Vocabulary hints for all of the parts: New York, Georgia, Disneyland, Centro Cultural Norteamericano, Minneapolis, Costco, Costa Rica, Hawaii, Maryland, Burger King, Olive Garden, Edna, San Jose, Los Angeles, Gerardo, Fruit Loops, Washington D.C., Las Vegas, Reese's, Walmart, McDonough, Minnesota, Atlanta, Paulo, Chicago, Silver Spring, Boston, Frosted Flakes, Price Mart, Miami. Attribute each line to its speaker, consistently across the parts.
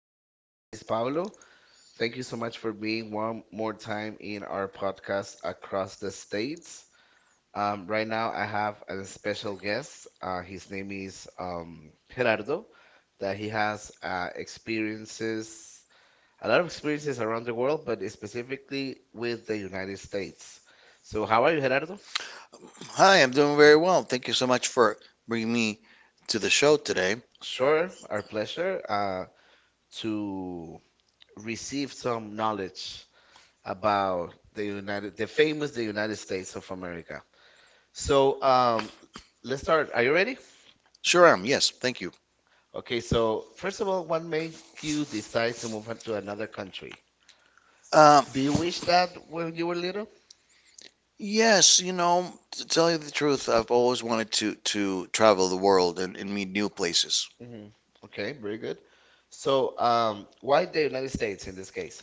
Speaker 1: are you? My name is Paulo. Thank you so much for being one more time in our podcast Across the States. Right now, I have a special guest. His name is Gerardo, that he has experiences, a lot of experiences around the world, but specifically with the United States. So, how are you, Gerardo?
Speaker 2: Hi, I'm doing very well. Thank you so much for bringing me to the show today.
Speaker 1: Sure, our pleasure to receive some knowledge about the famous the United States of America. So, let's start. Are you ready?
Speaker 2: Sure am. Yes, thank you.
Speaker 1: Okay. So first of all, what made you decide to move on to another country?
Speaker 2: Um,
Speaker 1: Do you wish that when you were little?
Speaker 2: yes, you know, to tell you the truth, I've always wanted to travel the world and meet new places.
Speaker 1: Hmm, okay, very good. So, why the United States in this case?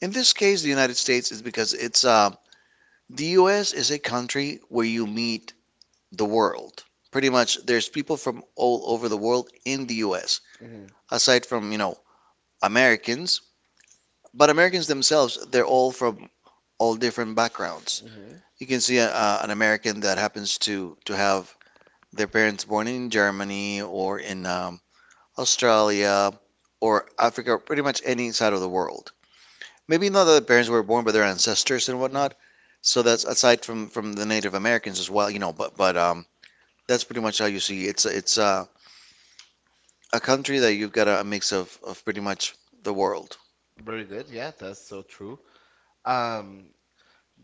Speaker 2: In this case, the United States is because it's the U.S. is a country where you meet the world. Pretty much, there's people from all over the world in the U.S.
Speaker 1: Hmm.
Speaker 2: Aside from, you know, Americans, but Americans themselves, they're all from all different backgrounds.
Speaker 1: Hmm.
Speaker 2: You can see an American that happens to have their parents born in Germany or in Australia or Africa, pretty much any side of the world. Maybe not that the parents were born, but their ancestors and whatnot. So that's aside from the Native Americans as well, you know. But that's pretty much how you see it's a country that you've got a mix of pretty much the world.
Speaker 1: Very good. Yeah, that's so true. Um,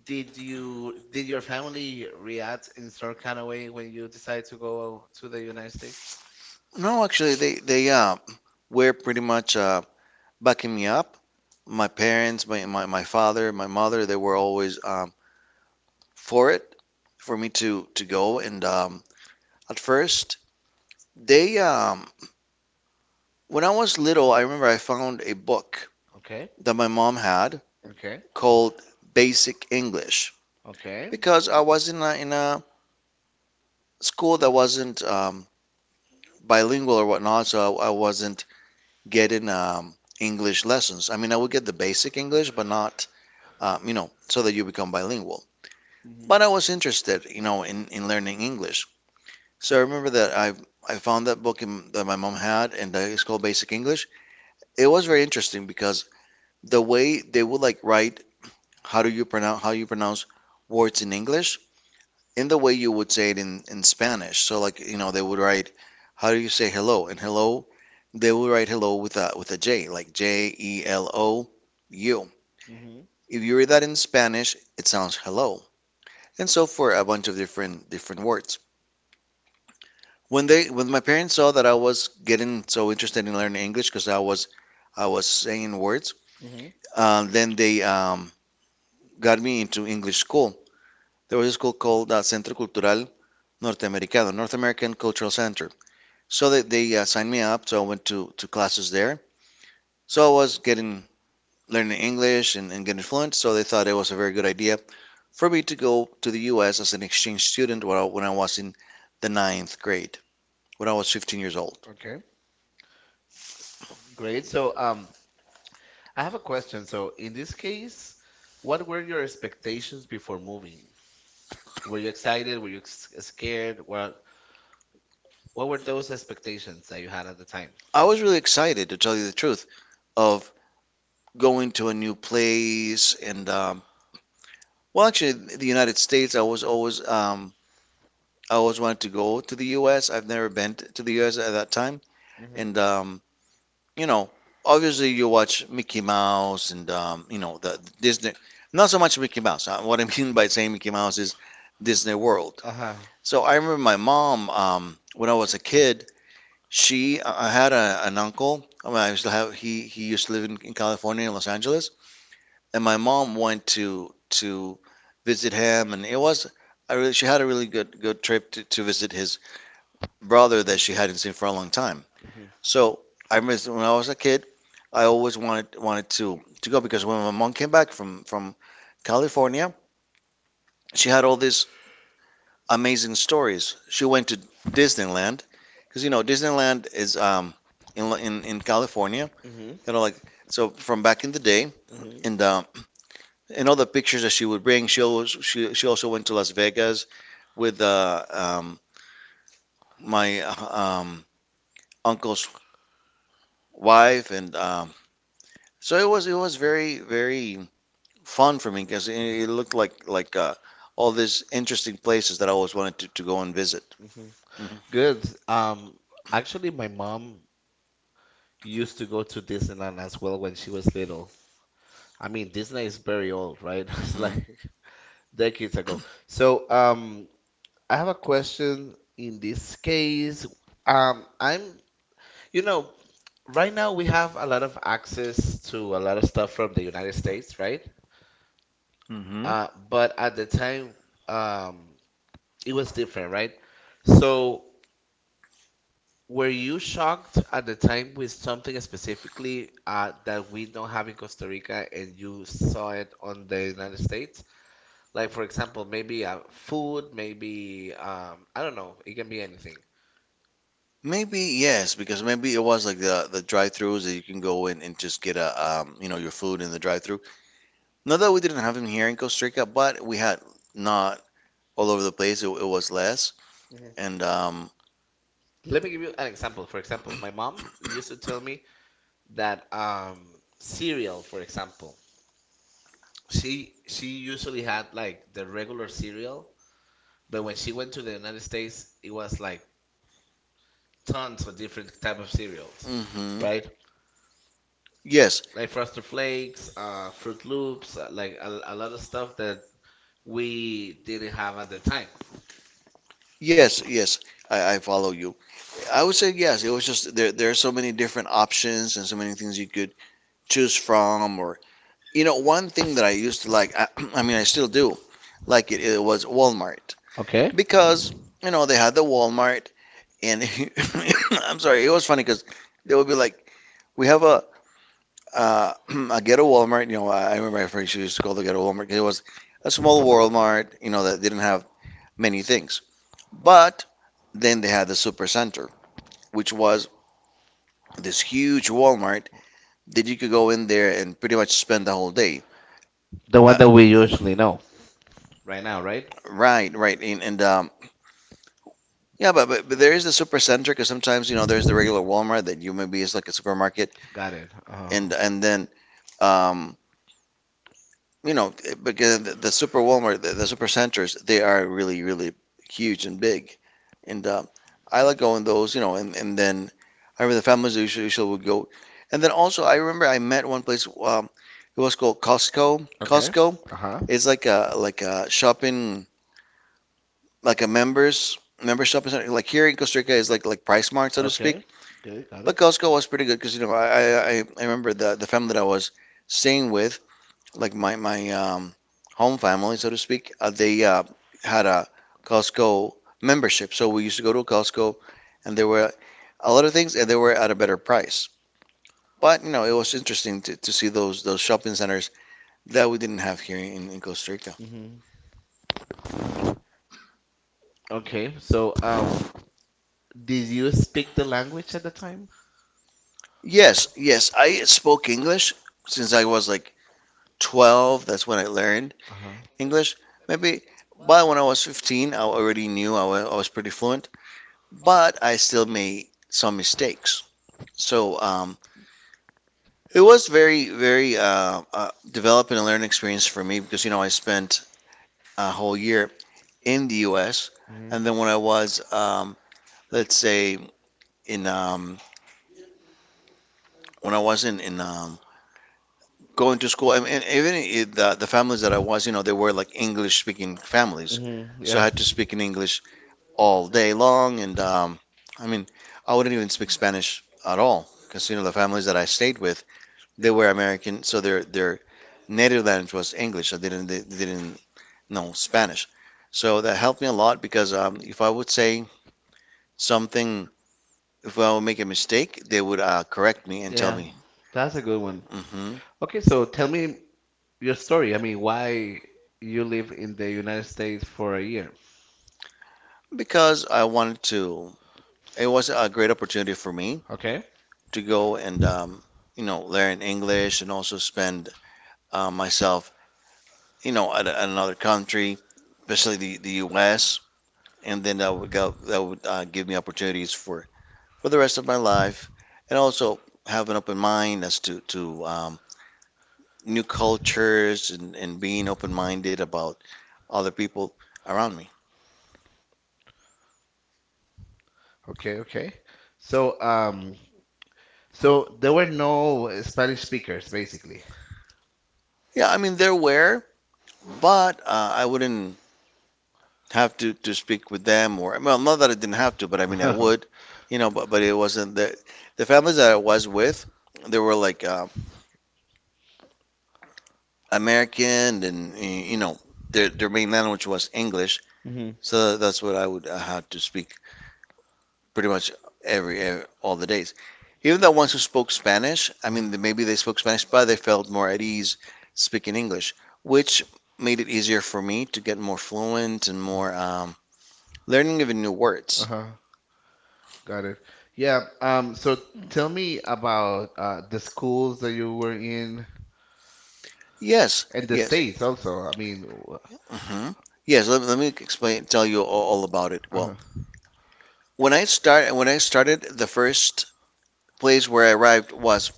Speaker 1: did your family react in some kind of way when you decided to go to the United States?
Speaker 2: No, actually, they wear pretty much. Backing me up. My parents, my father, my mother, they were always for it, for me to go. And at first, they, um, when I was little, I remember I found a book
Speaker 1: Okay,
Speaker 2: that my mom had
Speaker 1: okay,
Speaker 2: called Basic English. Okay.
Speaker 1: okay.
Speaker 2: Because I was in a school that wasn't bilingual or whatnot, so I wasn't getting English lessons. I mean, I would get the basic English, but not, you know, so that you become bilingual.
Speaker 1: Mhm.
Speaker 2: But I was interested, you know, in learning English. So I remember that I found that book that my mom had, and that it's called Basic English. It was very interesting because the way they would like write how you pronounce words in English in the way you would say it in Spanish. So like you know they would write how do you say hello and hello they would write hello with a J, like Jelou.
Speaker 1: Mhm.
Speaker 2: If you read that in Spanish, it sounds hello. And so for a bunch of different words. When my parents saw that I was getting so interested in learning English because I was saying words,
Speaker 1: Mhm.
Speaker 2: then they got me into English school. There was a school called Centro Cultural Norteamericano, North American Cultural Center. So, they signed me up, so I went to classes there. So I was getting learning English and getting fluent, so they thought it was a very good idea for me to go to the U.S. as an exchange student when I was in the ninth grade, when I was 15 years old.
Speaker 1: Okay. Great. So, I have a question. So, in this case, what were your expectations before moving? Were you excited? Were you scared? What were those expectations that you had at the time?
Speaker 2: I was really excited, to tell you the truth. Of going to a new place and the United States, I was always I always wanted to go to the U.S. I've never been to the U.S. at that time,
Speaker 1: Mhm.
Speaker 2: and you know, obviously, you watch Mickey Mouse and you know the Disney. Not so much Mickey Mouse. What I mean by saying Mickey Mouse is Disney World.
Speaker 1: Uh-huh.
Speaker 2: So I remember my mom when I was a kid. I had a, an uncle. I mean, I still have. He used to live in California, in Los Angeles, and my mom went to visit him, and it was I really she had a really good trip to visit his brother that
Speaker 1: Mhm.
Speaker 2: she hadn't seen for a long time.
Speaker 1: Mhm.
Speaker 2: So I remember when I was a kid, I always wanted to go because when my mom came back from California, she had all these amazing stories. She went to Disneyland because you know Disneyland is in California,
Speaker 1: Mhm.
Speaker 2: kind of like so from back in the day,
Speaker 1: Mhm.
Speaker 2: and in all the pictures that she would bring, she also went to Las Vegas with my uncle's wife, and so it was very fun for me because it looked like all these interesting places that I always wanted to go and visit.
Speaker 1: Mhm.
Speaker 2: Hmm.
Speaker 1: Good. Actually, my mom used to go to Disneyland as well when she was little. I mean, Disney is very old, right? It's like decades ago. So, I have a question in this case. Um, I'm, you know, right now we have a lot of access to a lot of stuff from the United States, right?
Speaker 2: Hmm. Hmm.
Speaker 1: But at the time, um, it was different, right? So were you shocked at the time with something specifically that we don't have in Costa Rica and you saw it on the United States? Like, for example, maybe food, maybe, I don't know, it can be anything.
Speaker 2: Maybe yes, because maybe it was like the drive-throughs that you can go in and just get a you know your food in the drive-through. Not that we didn't have them here in Costa Rica, but we had not all over the place. It was less,
Speaker 1: Mhm.
Speaker 2: and
Speaker 1: Let me give you an example. For example, my mom used to tell me that cereal, for example, she usually had like the regular cereal, but when she went to the United States, it was like tons of different type of cereals,
Speaker 2: mhm.
Speaker 1: right?
Speaker 2: Yes,
Speaker 1: Like Frosted Flakes, Fruit Loops, like a lot of stuff that we didn't have at the time.
Speaker 2: yes, yes. I follow you. I would say yes. It was just there. There are so many different options and so many things you could choose from. Or you know, one thing that I used to like. I, I mean, I still do like it. It was Walmart.
Speaker 1: Okay.
Speaker 2: Because you know they had the Walmart, and I'm sorry, it was funny because they would be like, "We have a, Uh, a ghetto Walmart," you know, I remember my friends used to call the ghetto Walmart 'cause it was a small Walmart, you know, that didn't have many things. But then they had the Supercenter, which was this huge Walmart that you could go in there and pretty much spend the whole day.
Speaker 1: The
Speaker 2: Uh,
Speaker 1: one that we
Speaker 2: Uh,
Speaker 1: usually know. Right now, right?
Speaker 2: Right, right, and yeah, but, but there is the supercenter because sometimes you know there's the regular Walmart that you maybe is like a supermarket,
Speaker 1: Got it.
Speaker 2: and then um, you know, because the super Walmart, the super centers, they are really, really huge and big. And I like going those, you know, and then I remember the families usually would go. And then also, I remember I met one place, it was called Costco.
Speaker 1: Okay.
Speaker 2: Costco
Speaker 1: Uh huh.
Speaker 2: is like a shopping, like a member shopping center. Like here in Costa Rica is like Price Mart, so to
Speaker 1: Okay.
Speaker 2: speak.
Speaker 1: Good. Got it.
Speaker 2: But Costco was pretty good because you know I remember the family that I was staying with, like my home family, so to speak. They had a Costco membership. So we used to go to Costco, and there were a lot of things, and they were at a better price. But you know, it was interesting to see those shopping centers that we didn't have here in Costa Rica.
Speaker 1: Hmm. Okay. So, did you speak the language at the time?
Speaker 2: Yes, yes, I spoke English since I was like 12. That's when I learned
Speaker 1: Uh huh.
Speaker 2: English. Maybe by when I was 15, I already knew I was pretty fluent, but I still made some mistakes. So, it was very, very developing and learning experience for me because you know I spent a whole year in the U.S.
Speaker 1: Hmm.
Speaker 2: And then when I was, let's say, in when I was in going to school, I mean, and even I the families that I was, you know, they were like English speaking families,
Speaker 1: Mm-hmm.
Speaker 2: so I
Speaker 1: Yeah.
Speaker 2: had to speak in English all day long, and I mean, I wouldn't even speak Spanish at all because you know the families that I stayed with, they were American, so their native language was English, so they didn't no Spanish. So that helped me a lot because if I would say something, if I would make a mistake, they would correct me and tell
Speaker 1: Yeah.
Speaker 2: me.
Speaker 1: That's a good one.
Speaker 2: Hmm.
Speaker 1: Okay, so tell me your story. I mean, why you live in the United States for a year.
Speaker 2: Because I wanted to, it was a great opportunity for me
Speaker 1: Okay.
Speaker 2: to go and you know learn English and also spend myself, you know, at another country, especially the U.S. And then that would give me opportunities for the rest of my life, and also have an open mind as to new cultures and being open minded about other people around me.
Speaker 1: Okay, okay. So, so there were no Spanish speakers, basically.
Speaker 2: Yeah, I mean, they're aware, but I wouldn't have to speak with them or, well, not that I didn't have to, but I mean, I would, you know, but it wasn't the families that I was with, they were like American and, you know, their main language was English.
Speaker 1: Mm-hmm.
Speaker 2: So that's what I would have to speak pretty much every all the days. Even the ones who spoke Spanish, I
Speaker 1: Uh-huh.
Speaker 2: mean, maybe they spoke Spanish, but they felt more at ease speaking English, which made it easier for me to get more fluent and
Speaker 1: Mm.
Speaker 2: more learning even new words.
Speaker 1: Uh-huh. Got it. Yeah. So tell me about the schools that you were in
Speaker 2: Yes,
Speaker 1: and the
Speaker 2: yes.
Speaker 1: states also. I mean,
Speaker 2: Hmm. Yes, let me explain, tell you all about it. Well,
Speaker 1: uh-huh.
Speaker 2: when I started, the first place where I arrived was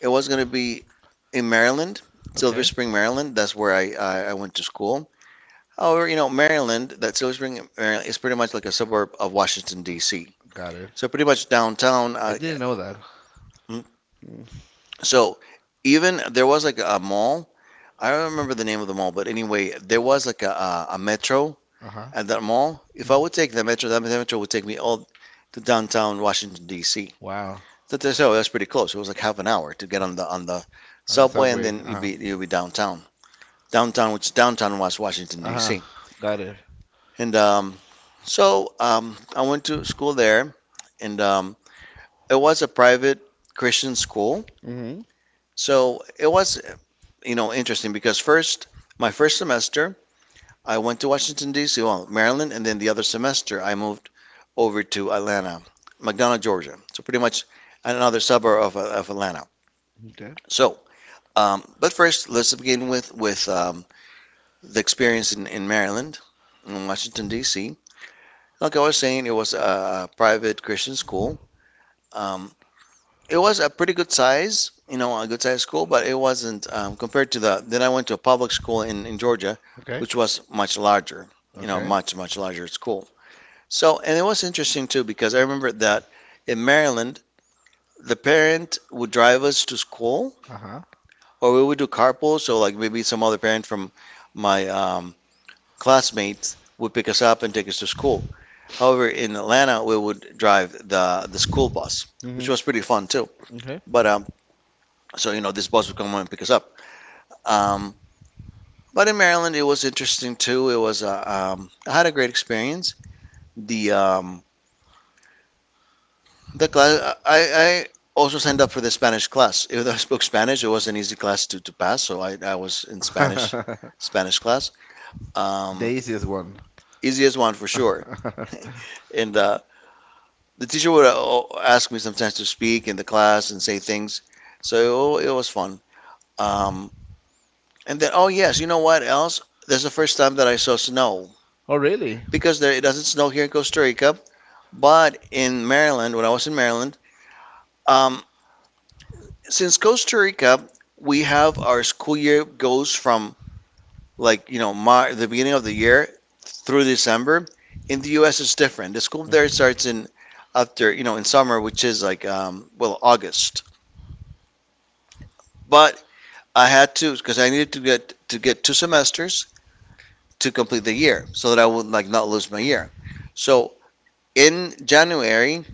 Speaker 2: it was going to be in Maryland, Silver
Speaker 1: Okay.
Speaker 2: Spring, Maryland. That's where I went to school. However, you know, Maryland, that Silver Spring, Maryland, is pretty much like a suburb of Washington, D.C.
Speaker 1: Got it.
Speaker 2: So pretty much downtown.
Speaker 1: I didn't know that.
Speaker 2: Mm,
Speaker 1: Mm.
Speaker 2: so even there was like a mall. I don't remember the name of the mall, but anyway, there was like a metro
Speaker 1: Uh-huh.
Speaker 2: at that mall. If
Speaker 1: Mm.
Speaker 2: I would take the metro, that metro would take me all to downtown Washington, D.C.
Speaker 1: Wow.
Speaker 2: So that's pretty close. It was like half an hour to get on the
Speaker 1: On the
Speaker 2: subway, and
Speaker 1: subway.
Speaker 2: then
Speaker 1: Uh-huh.
Speaker 2: you'd be downtown. Downtown, which downtown was Washington,
Speaker 1: Uh-huh.
Speaker 2: D.C.
Speaker 1: Got it.
Speaker 2: And I went to school there, and it was a private Christian school.
Speaker 1: Mm-hmm.
Speaker 2: So it was, you know, interesting because first, my first semester, I went to Washington, D.C., well, Maryland, and then the other semester, I moved over to Atlanta, McDonough, Georgia. So pretty much another suburb of Atlanta.
Speaker 1: Okay.
Speaker 2: So, but first, let's begin with the experience in Maryland, in Washington, D.C. Like I was saying, it was a private Christian school. Um, it was a pretty good size, you know, a good size school, but it wasn't compared to Then I went to a public school in Georgia,
Speaker 1: Okay.
Speaker 2: which was much larger, you know,
Speaker 1: Okay.
Speaker 2: much, much larger school. So, and it was interesting too because I remember that in Maryland, the parent would drive us to school
Speaker 1: Uh-huh.
Speaker 2: or we would do carpool. So, like maybe some other parent from my classmates would pick us up and take us to school. However, in Atlanta, we would drive the school bus, which
Speaker 1: Mm-hmm.
Speaker 2: was pretty fun too. But so you know, this bus would come and pick us up. Um, but in Maryland, it was interesting too. It was I had a great experience. The um, the class I also signed up for the Spanish class. Even though I spoke Spanish, it was an easy class to pass, so I was in
Speaker 1: Okay.
Speaker 2: Spanish class. Um,
Speaker 1: The easiest one.
Speaker 2: easiest one for sure. And the teacher would ask me sometimes to speak in the class and say things. So it was fun. Um, and then, oh yes, you know what else? That's the first time that I saw snow
Speaker 1: Oh, really?
Speaker 2: because there, it doesn't snow here in Costa Rica, but in Maryland, when I was in Maryland, um, since Costa Rica, we have our school year goes from like the beginning of the year through December. In the U.S., it's different. The school there starts in after you know in summer, which is like well August. But I had to because I needed to get two semesters to complete the year so that I would like not lose my year. So in January,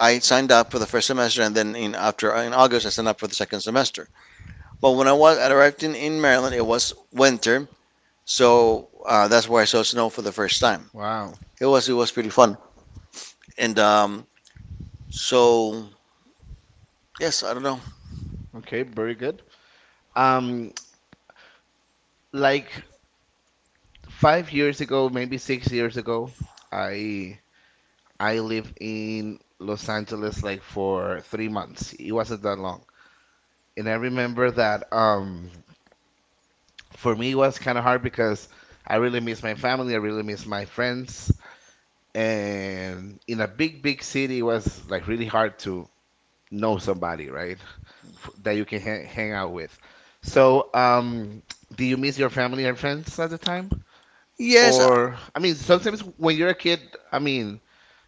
Speaker 2: I signed up for the first semester, and then in after in August, I signed up for the second semester. But when I arrived in Maryland, it was winter, so that's where I saw snow for the first time.
Speaker 1: Wow.
Speaker 2: It was pretty fun, and so yes, I don't know.
Speaker 1: Okay, very good. Um, like 5 years ago, maybe 6 years ago, I I lived in Los Angeles like for 3 months. It wasn't that long. And I remember that for me it was kind of hard because I really miss my family, I really miss my friends. And in a big, big city, it was like really hard to know somebody, right? That you can hang out with. So, do you miss your family and friends at the time?
Speaker 2: Yes,
Speaker 1: Or, I mean, sometimes when you're a kid, I mean,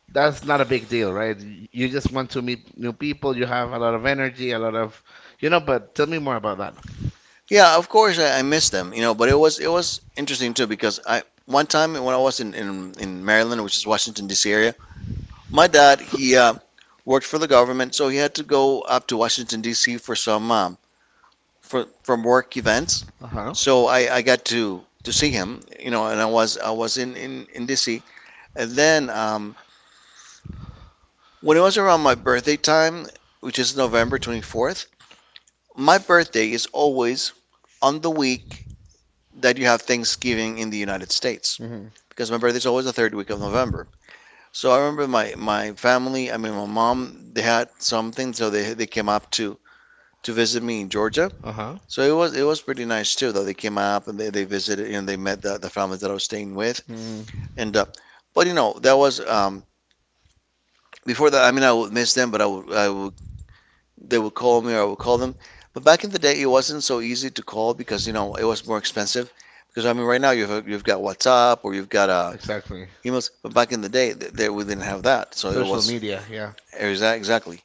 Speaker 1: that's not a big deal, right? You just want to meet new people, you have a lot of energy, a lot of, you know, but tell me more about that.
Speaker 2: Yeah, of course I missed them, you know, but it was interesting too because I one time when I was in Maryland, which is Washington D.C. area, my dad he worked for the government, so he had to go up to Washington D.C. for some for from work events.
Speaker 1: Uh-huh.
Speaker 2: So I got to see him, you know, and I was in D.C. and then when it was around my birthday time, which is November 24th, my birthday is always on the week that you have Thanksgiving in the United States.
Speaker 1: Hmm.
Speaker 2: Because my birthday's always the third week of November. So I remember my family, I mean my mom, they had something, so they came up to visit me in Georgia.
Speaker 1: Uh-huh.
Speaker 2: So it was pretty nice too, though they came up and they visited and they met the families that I was staying with,
Speaker 1: Mm,
Speaker 2: and but you know that was before that. I mean I would miss them, but I would they would call me or I would call them. But back in the day, it wasn't so easy to call because you know it was more expensive. Because I mean, right now you've got WhatsApp or you've got
Speaker 1: exactly.
Speaker 2: he must, but back in the day, there we didn't have that, so it
Speaker 1: Social
Speaker 2: was
Speaker 1: media, yeah.
Speaker 2: yeah. Exactly.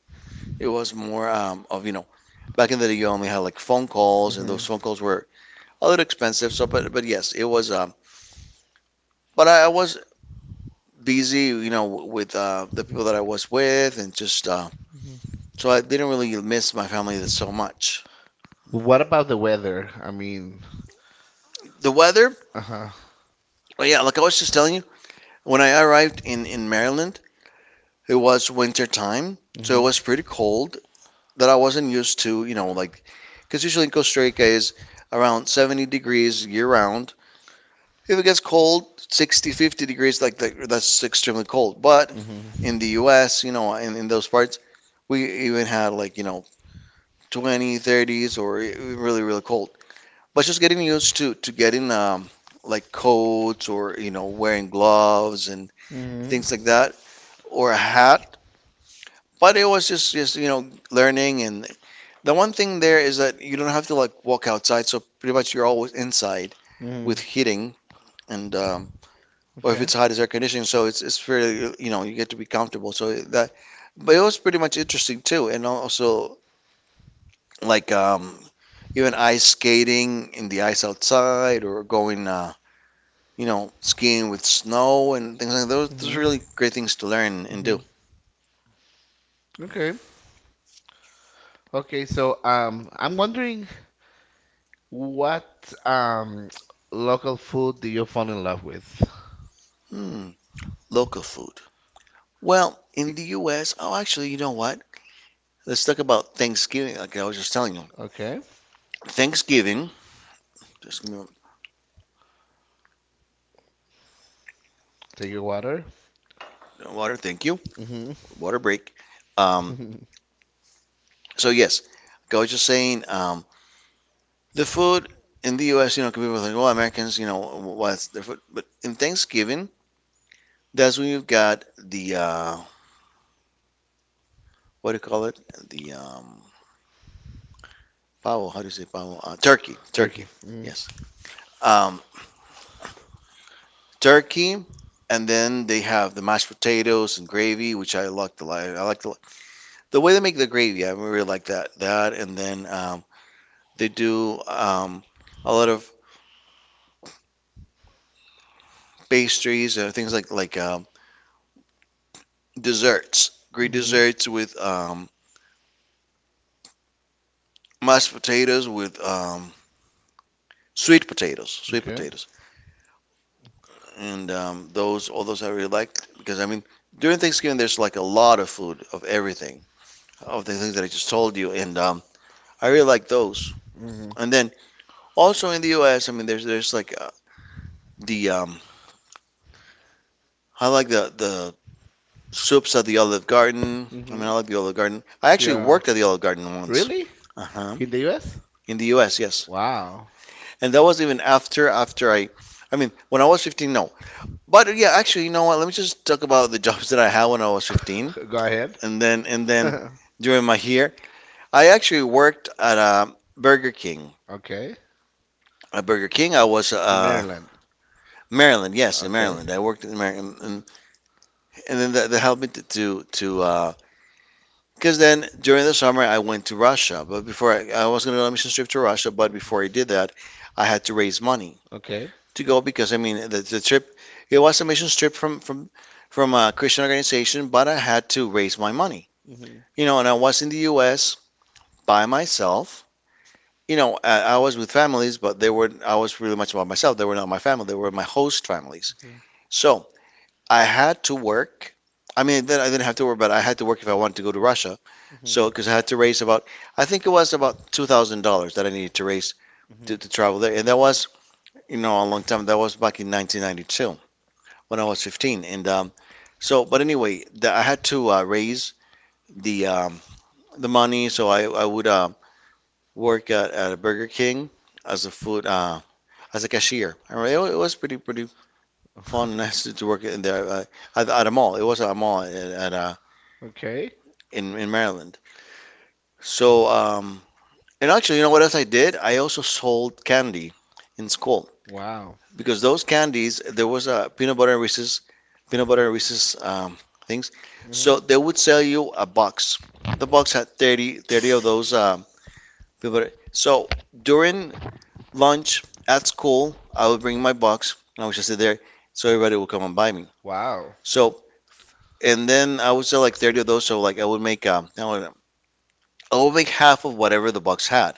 Speaker 2: It was more of you know back in the day you only had like phone calls, and
Speaker 1: Hmm.
Speaker 2: those phone calls were a little expensive. So, but yes, it was. But I was busy, you know, with the people that I was with, and just
Speaker 1: Hmm.
Speaker 2: so I didn't really miss my family that so much.
Speaker 1: What about the weather? I mean,
Speaker 2: The weather,
Speaker 1: uh-huh.
Speaker 2: oh yeah, like I was just telling you, when I arrived in Maryland, it was winter time, so it
Speaker 1: Hmm.
Speaker 2: was pretty cold. That I wasn't used to, you know, like, because usually in Costa Rica is around 70 degrees year round. If it gets cold, 60, 50 degrees, like that, that's extremely cold. But
Speaker 1: Hmm.
Speaker 2: in the U.S., you know, in those parts, we even had like, you know, 20, 30s or really, really cold. But just getting used to, getting like coats or, you know, wearing gloves and
Speaker 1: Hmm.
Speaker 2: things like that or a hat. But it was just, you know, the one thing there is that you don't have to like walk outside, so pretty much you're always inside
Speaker 1: Hmm.
Speaker 2: with heating and or if
Speaker 1: Okay.
Speaker 2: it's hot, it's air conditioning, so it's fairly you know you get to be comfortable. But it was pretty much interesting too, and also like even ice skating in the ice outside or going you know skiing with snow and things like that. Those are
Speaker 1: Hmm.
Speaker 2: really great things to learn and
Speaker 1: Hmm.
Speaker 2: do.
Speaker 1: Okay. Okay, so I'm wondering what um local food do you fall in love with?
Speaker 2: Hmm, local food. Well, in the U.S., oh, actually, you know what? Let's talk about Thanksgiving. Like I was just telling you.
Speaker 1: Okay.
Speaker 2: Thanksgiving, just give me
Speaker 1: Take your water.
Speaker 2: a water, thank you,
Speaker 1: Hmm.
Speaker 2: water break. Um, so yes, like I was just saying, the food in the U.S., you know, people are like, oh, Americans, you know, what's their food? But in Thanksgiving, that's when you've got the what do you call it? The pavo. How do you say pavo?
Speaker 1: Turkey.
Speaker 2: Turkey.
Speaker 1: Mm.
Speaker 2: Yes, um, turkey, and then they have the mashed potatoes and gravy, which I like the lot. I like the way they make the gravy. I really like that. That and then. They do a lot of pastries or things like desserts, Greek
Speaker 1: Mhm.
Speaker 2: desserts with mashed potatoes with sweet
Speaker 1: Okay.
Speaker 2: potatoes, and those all those I really liked because I mean during Thanksgiving there's like a lot of food of everything of the things that I just told you, and I really like those.
Speaker 1: Mhm.
Speaker 2: And then also in the U.S., I mean there's like the I like the soups at the Olive Garden. I mean
Speaker 1: Mhm.
Speaker 2: I like the Olive Garden. I actually
Speaker 1: Yeah.
Speaker 2: worked at the Olive Garden once.
Speaker 1: Really?
Speaker 2: Uh-huh.
Speaker 1: In the U.S.?
Speaker 2: In the U.S. Yes,
Speaker 1: Wow.
Speaker 2: and that was even after I mean, when I was 15, no. But yeah, actually, you know what? Let me just talk about the jobs that I had when I was 15,
Speaker 1: Go ahead.
Speaker 2: and then during my year, I actually worked at a Burger King.
Speaker 1: Okay.
Speaker 2: At Burger King, I was
Speaker 1: In Maryland.
Speaker 2: Maryland. Yes, in
Speaker 1: Okay.
Speaker 2: Maryland, I worked in Maryland, and then that helped me to because then during the summer I went to Russia, but before I was going to let me just trip to Russia, but
Speaker 1: Mhm.
Speaker 2: before I did that, I had to raise money
Speaker 1: Okay.
Speaker 2: to go because I mean the trip it was a mission trip from a Christian organization, but I had to raise my money.
Speaker 1: Mhm.
Speaker 2: You know, and I was in the U.S. by myself. You know, I was with families, but they were I was really much about myself. They were not my family. They were my host families.
Speaker 1: Mhm.
Speaker 2: So I had to work. I mean, then I didn't have to work, but I had to work if I wanted to go to Russia.
Speaker 1: Mhm.
Speaker 2: So because I had to raise about I think it was about $2,000 that I needed to raise
Speaker 1: Mhm.
Speaker 2: to travel there, and that was you know a long time. That was back in 1992. When I was 15. And so, but anyway, I had to raise the um, the money, so I would work at a Burger King as a food uh, as a cashier. I remember it was pretty fun and nice to work in there at a mall. It was a mall at
Speaker 1: Okay.
Speaker 2: in Maryland. So and actually, you know what else I did? I also sold candy in school.
Speaker 1: Wow.
Speaker 2: because those candies there was a peanut butter and Reese's things. So
Speaker 1: Mhm.
Speaker 2: they would sell you a box. The box had thirty of those peanut butter. So during lunch at school, I would bring my box and I would just sit there so everybody would come and buy me.
Speaker 1: Wow.
Speaker 2: So and then I would sell like 30 of those. So like I would make half of whatever the box had.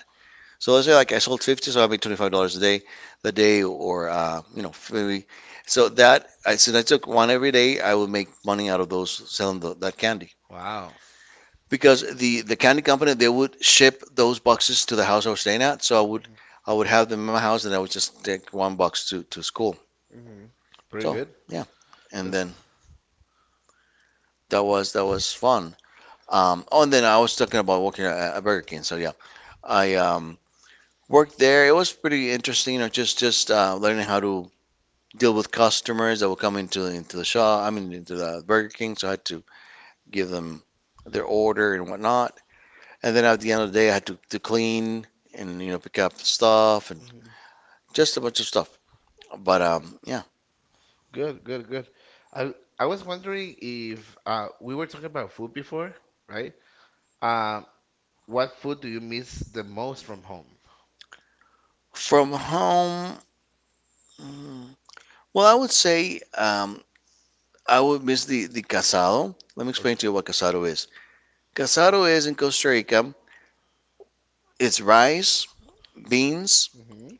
Speaker 2: So let's say like I sold 50, so I made $25 a day, the day or you know maybe. So that I since I took one every day, I would make money out of those selling that candy
Speaker 1: Wow.
Speaker 2: because the candy company they would ship those boxes to the house I was staying at. So I would have them in my house and I would just take one box to school.
Speaker 1: Mm-hmm. Pretty
Speaker 2: So
Speaker 1: good.
Speaker 2: yeah, and
Speaker 1: That's
Speaker 2: then that was fun. Oh, and then I was talking about working a Burger King. So yeah, I worked there. It was pretty interesting. You know, just learning how to deal with customers that will come into the shop. I mean, into the Burger King. So I had to give them their order and whatnot. And then at the end of the day, I had to clean and pick up stuff and
Speaker 1: hmm.
Speaker 2: just a bunch of stuff. But yeah,
Speaker 1: Good, good, good. I I was wondering if we were talking about food before, right? Um, what food do you miss the most from home?
Speaker 2: from home. mm, Well, I would say I would miss the casado. Let me
Speaker 1: What do
Speaker 2: explain to
Speaker 1: or
Speaker 2: you what casado is. Casado is in Costa Rica. It's rice,
Speaker 1: beans,
Speaker 2: beans,
Speaker 1: hmm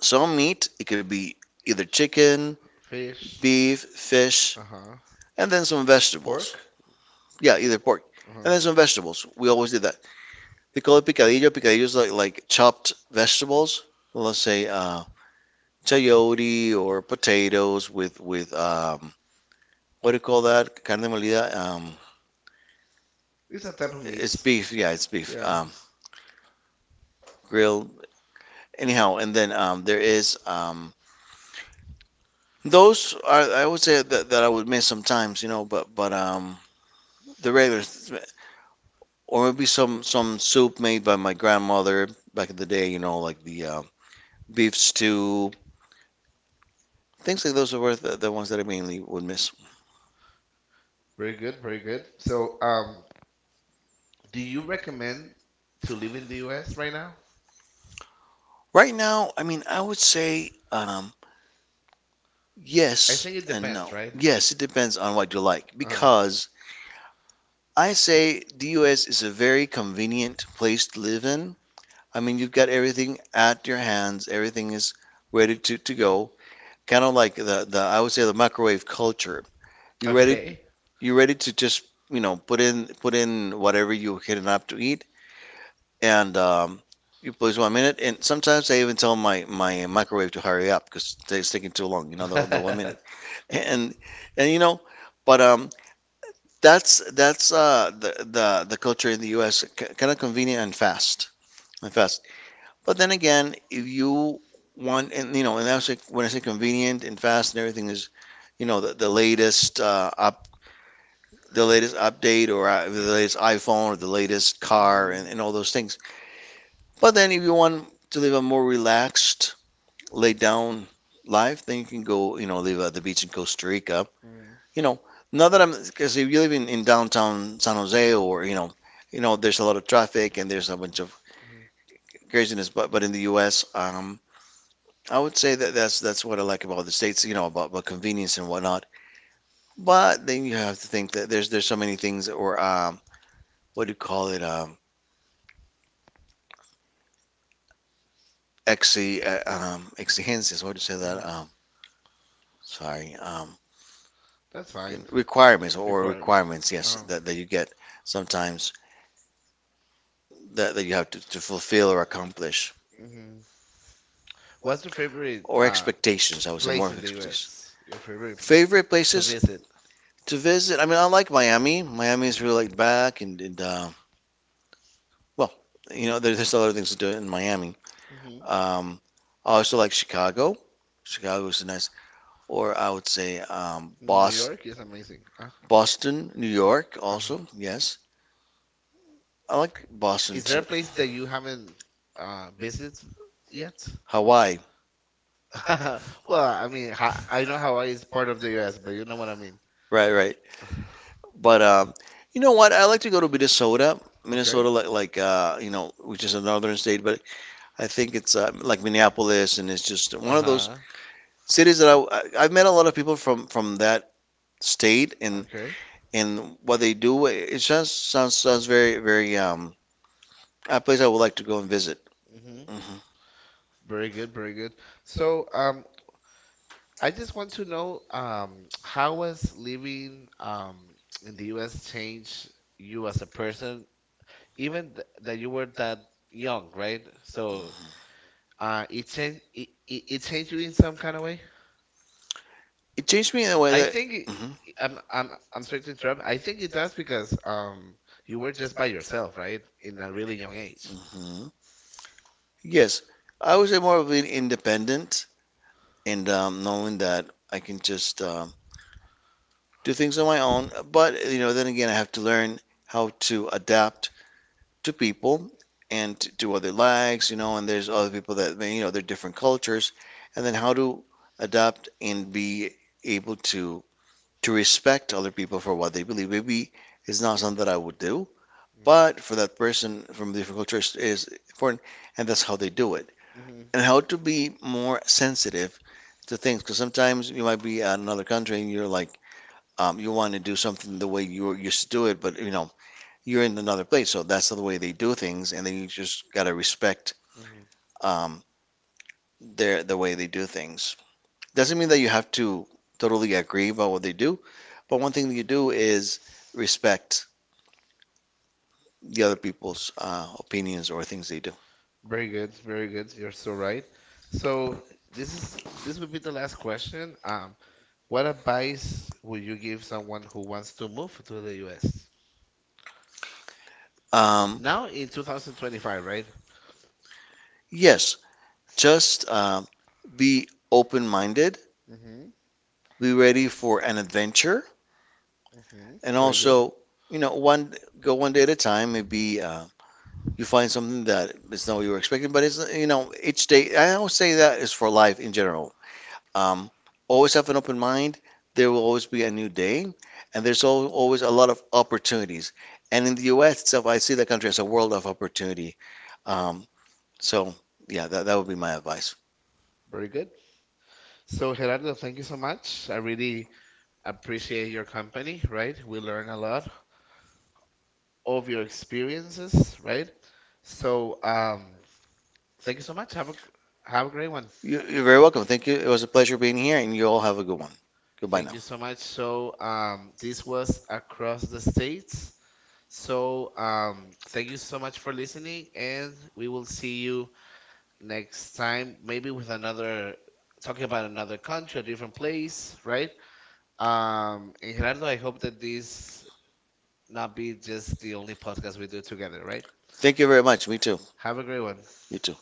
Speaker 2: some meat. It could be either chicken,
Speaker 1: fish,
Speaker 2: beef, fish,
Speaker 1: uh-huh,
Speaker 2: and then some vegetables.
Speaker 1: pork.
Speaker 2: Yeah, either pork. And then some
Speaker 1: Uh-huh.
Speaker 2: vegetables. We always did that. They call it picadillo. Picadillo is like chopped vegetables. Well, let's say chayote or potatoes with what do you call that? Carne molida.
Speaker 1: It's a type of meat.
Speaker 2: It's beef. Yeah, it's beef.
Speaker 1: Yeah, it's
Speaker 2: Grilled. Anyhow, and then there is those are I would say that I would miss sometimes, you know, but the regular th- or maybe some soup made by my grandmother back in the day, you know, like the beef stew, things like those are worth the ones that I mainly would miss.
Speaker 1: very good, very good. So, do you recommend to live in the US right now?
Speaker 2: Right now, I mean, I would say
Speaker 1: I
Speaker 2: yes
Speaker 1: think it
Speaker 2: and
Speaker 1: depends,
Speaker 2: no.
Speaker 1: right?
Speaker 2: Yes, it depends on what you like
Speaker 1: Uh,
Speaker 2: because I say the U.S. is a very convenient place to live in. I mean, you've got everything at your hands, everything is ready to go. Kind of like the I would say the microwave culture. You ready?
Speaker 1: okay.
Speaker 2: You ready to just put in whatever you're hitting up to eat, and you please one minute. And sometimes I even tell my microwave to hurry up because they're taking too long. You know, the one minute. And and you know, but that's the culture in the U.S. kind of convenient and fast. But then again, if you want, and and that's like when I say convenient and fast and everything is, you know, the latest update or the latest iPhone or the latest car
Speaker 1: Mhm.
Speaker 2: and all those things. But then if you want to live a more relaxed, laid down life, then you can go, you know, live at the beach in Costa Rica.
Speaker 1: Mm,
Speaker 2: You know, not that I'm, because if you live in downtown San Jose or, there's a lot of traffic and there's a bunch of
Speaker 1: mhm,
Speaker 2: craziness, but in the U.S., I would say that that's what I like about the states, you know, about convenience and whatnot. But then you have to think that there's so many things or what do you call it, exigencias, what do you say that?
Speaker 1: mhm.
Speaker 2: Sorry,
Speaker 1: That's
Speaker 2: in
Speaker 1: fine.
Speaker 2: requirements or
Speaker 1: Requirement.
Speaker 2: requirements, yes,
Speaker 1: Oh.
Speaker 2: that you get sometimes that you have to fulfill or accomplish,
Speaker 1: Hmm. What's your favorite
Speaker 2: or expectations, I would say more
Speaker 1: place
Speaker 2: of
Speaker 1: in the
Speaker 2: expectations.
Speaker 1: U.S.? Your favorite
Speaker 2: Favorite
Speaker 1: to
Speaker 2: places
Speaker 1: visit?
Speaker 2: to visit? I mean, I like Miami. Miami is really laid back and well, you know, there's a lot of things to do in Miami.
Speaker 1: Hmm.
Speaker 2: Um, I also like Chicago. Chicago is nice, or I would say
Speaker 1: New
Speaker 2: Boston,
Speaker 1: York is amazing.
Speaker 2: Boston, New York also,
Speaker 1: Uh-huh.
Speaker 2: yes. I like Boston
Speaker 1: Is there a
Speaker 2: too.
Speaker 1: place that you haven't visited yet?
Speaker 2: Hawaii,
Speaker 1: Well, I mean, I know Hawaii is part of the U.S., but you know what I mean.
Speaker 2: right, right. But you know what? I like to go to Minnesota.
Speaker 1: Okay.
Speaker 2: Minnesota, like, you know, which is a northern state, but I think it's like Minneapolis, and it's just one of those
Speaker 1: Uh-huh.
Speaker 2: cities that I've met a lot of people from that state, and
Speaker 1: Okay.
Speaker 2: and what they do, it just sounds very a place I would like to go and visit.
Speaker 1: Mm-hmm.
Speaker 2: Hmm.
Speaker 1: Very good, very good. So, I just want to know, how has living, in the U.S. changed you as a person, even th that you were that young, right? So, it changed you in some kind of way.
Speaker 2: It changed me in a way
Speaker 1: I
Speaker 2: that.
Speaker 1: think
Speaker 2: Mhm.
Speaker 1: I- am I'm sorry to interrupt. I think it does because you were just by yourself, right? In a really young age.
Speaker 2: Mhm. Yes, I was more of an independent, and knowing that I can just do things on my own. But you know, then again, I have to learn how to adapt to people and to other lags, you know. And there's other people that you know, they're different cultures, and then how to adapt and be able to respect other people for what they believe. Maybe it's not something that I would do, but for that person from a different cultures is important, and that's how they do it.
Speaker 1: Mhm, mhm,
Speaker 2: And how to be more sensitive to things, because sometimes you might be at another country and you're like you want to do something the way you are used to do it, but you know you're in another place, so that's the way they do things, and then you just gotta respect
Speaker 1: mhm, mhm.
Speaker 2: um, the way they do things. Doesn't mean that you have to totally agree about what they do, but one thing you do is respect the other people's opinions or things they do.
Speaker 1: Very good, very good. You're so right. So this is this would be the last question. What advice would you give someone who wants to move to the U.S.
Speaker 2: Um,
Speaker 1: now in 2025, right?
Speaker 2: yes, just be open-minded,
Speaker 1: Mm-hmm.
Speaker 2: be ready for an adventure,
Speaker 1: Mm-hmm.
Speaker 2: and
Speaker 1: Very good.
Speaker 2: also you know one go one day at a time. Maybe you find something that is not what you were expecting, but it's each day. I always say that is for life in general. Um, Always have an open mind. There will always be a new day, and there's always a lot of opportunities. And in the U.S. itself, I see the country as a world of opportunity. Um, so yeah, that would be my advice.
Speaker 1: Very good. So, Gerardo, thank you so much. I really appreciate your company, right? We learn a lot of your experiences, right? So, thank you so much. Have a great one.
Speaker 2: You're very welcome. Thank you. It was a pleasure being here, and you all have a good one. Goodbye
Speaker 1: Thank
Speaker 2: now.
Speaker 1: you so much. So, this was Across the States. So, thank you so much for listening, and we will see you next time, maybe with another talking about another country, a different place, right? And Gerardo, I hope that this not be just the only podcast we do together, right?
Speaker 2: Thank you very much. Me too.
Speaker 1: Have a great one.
Speaker 2: You too.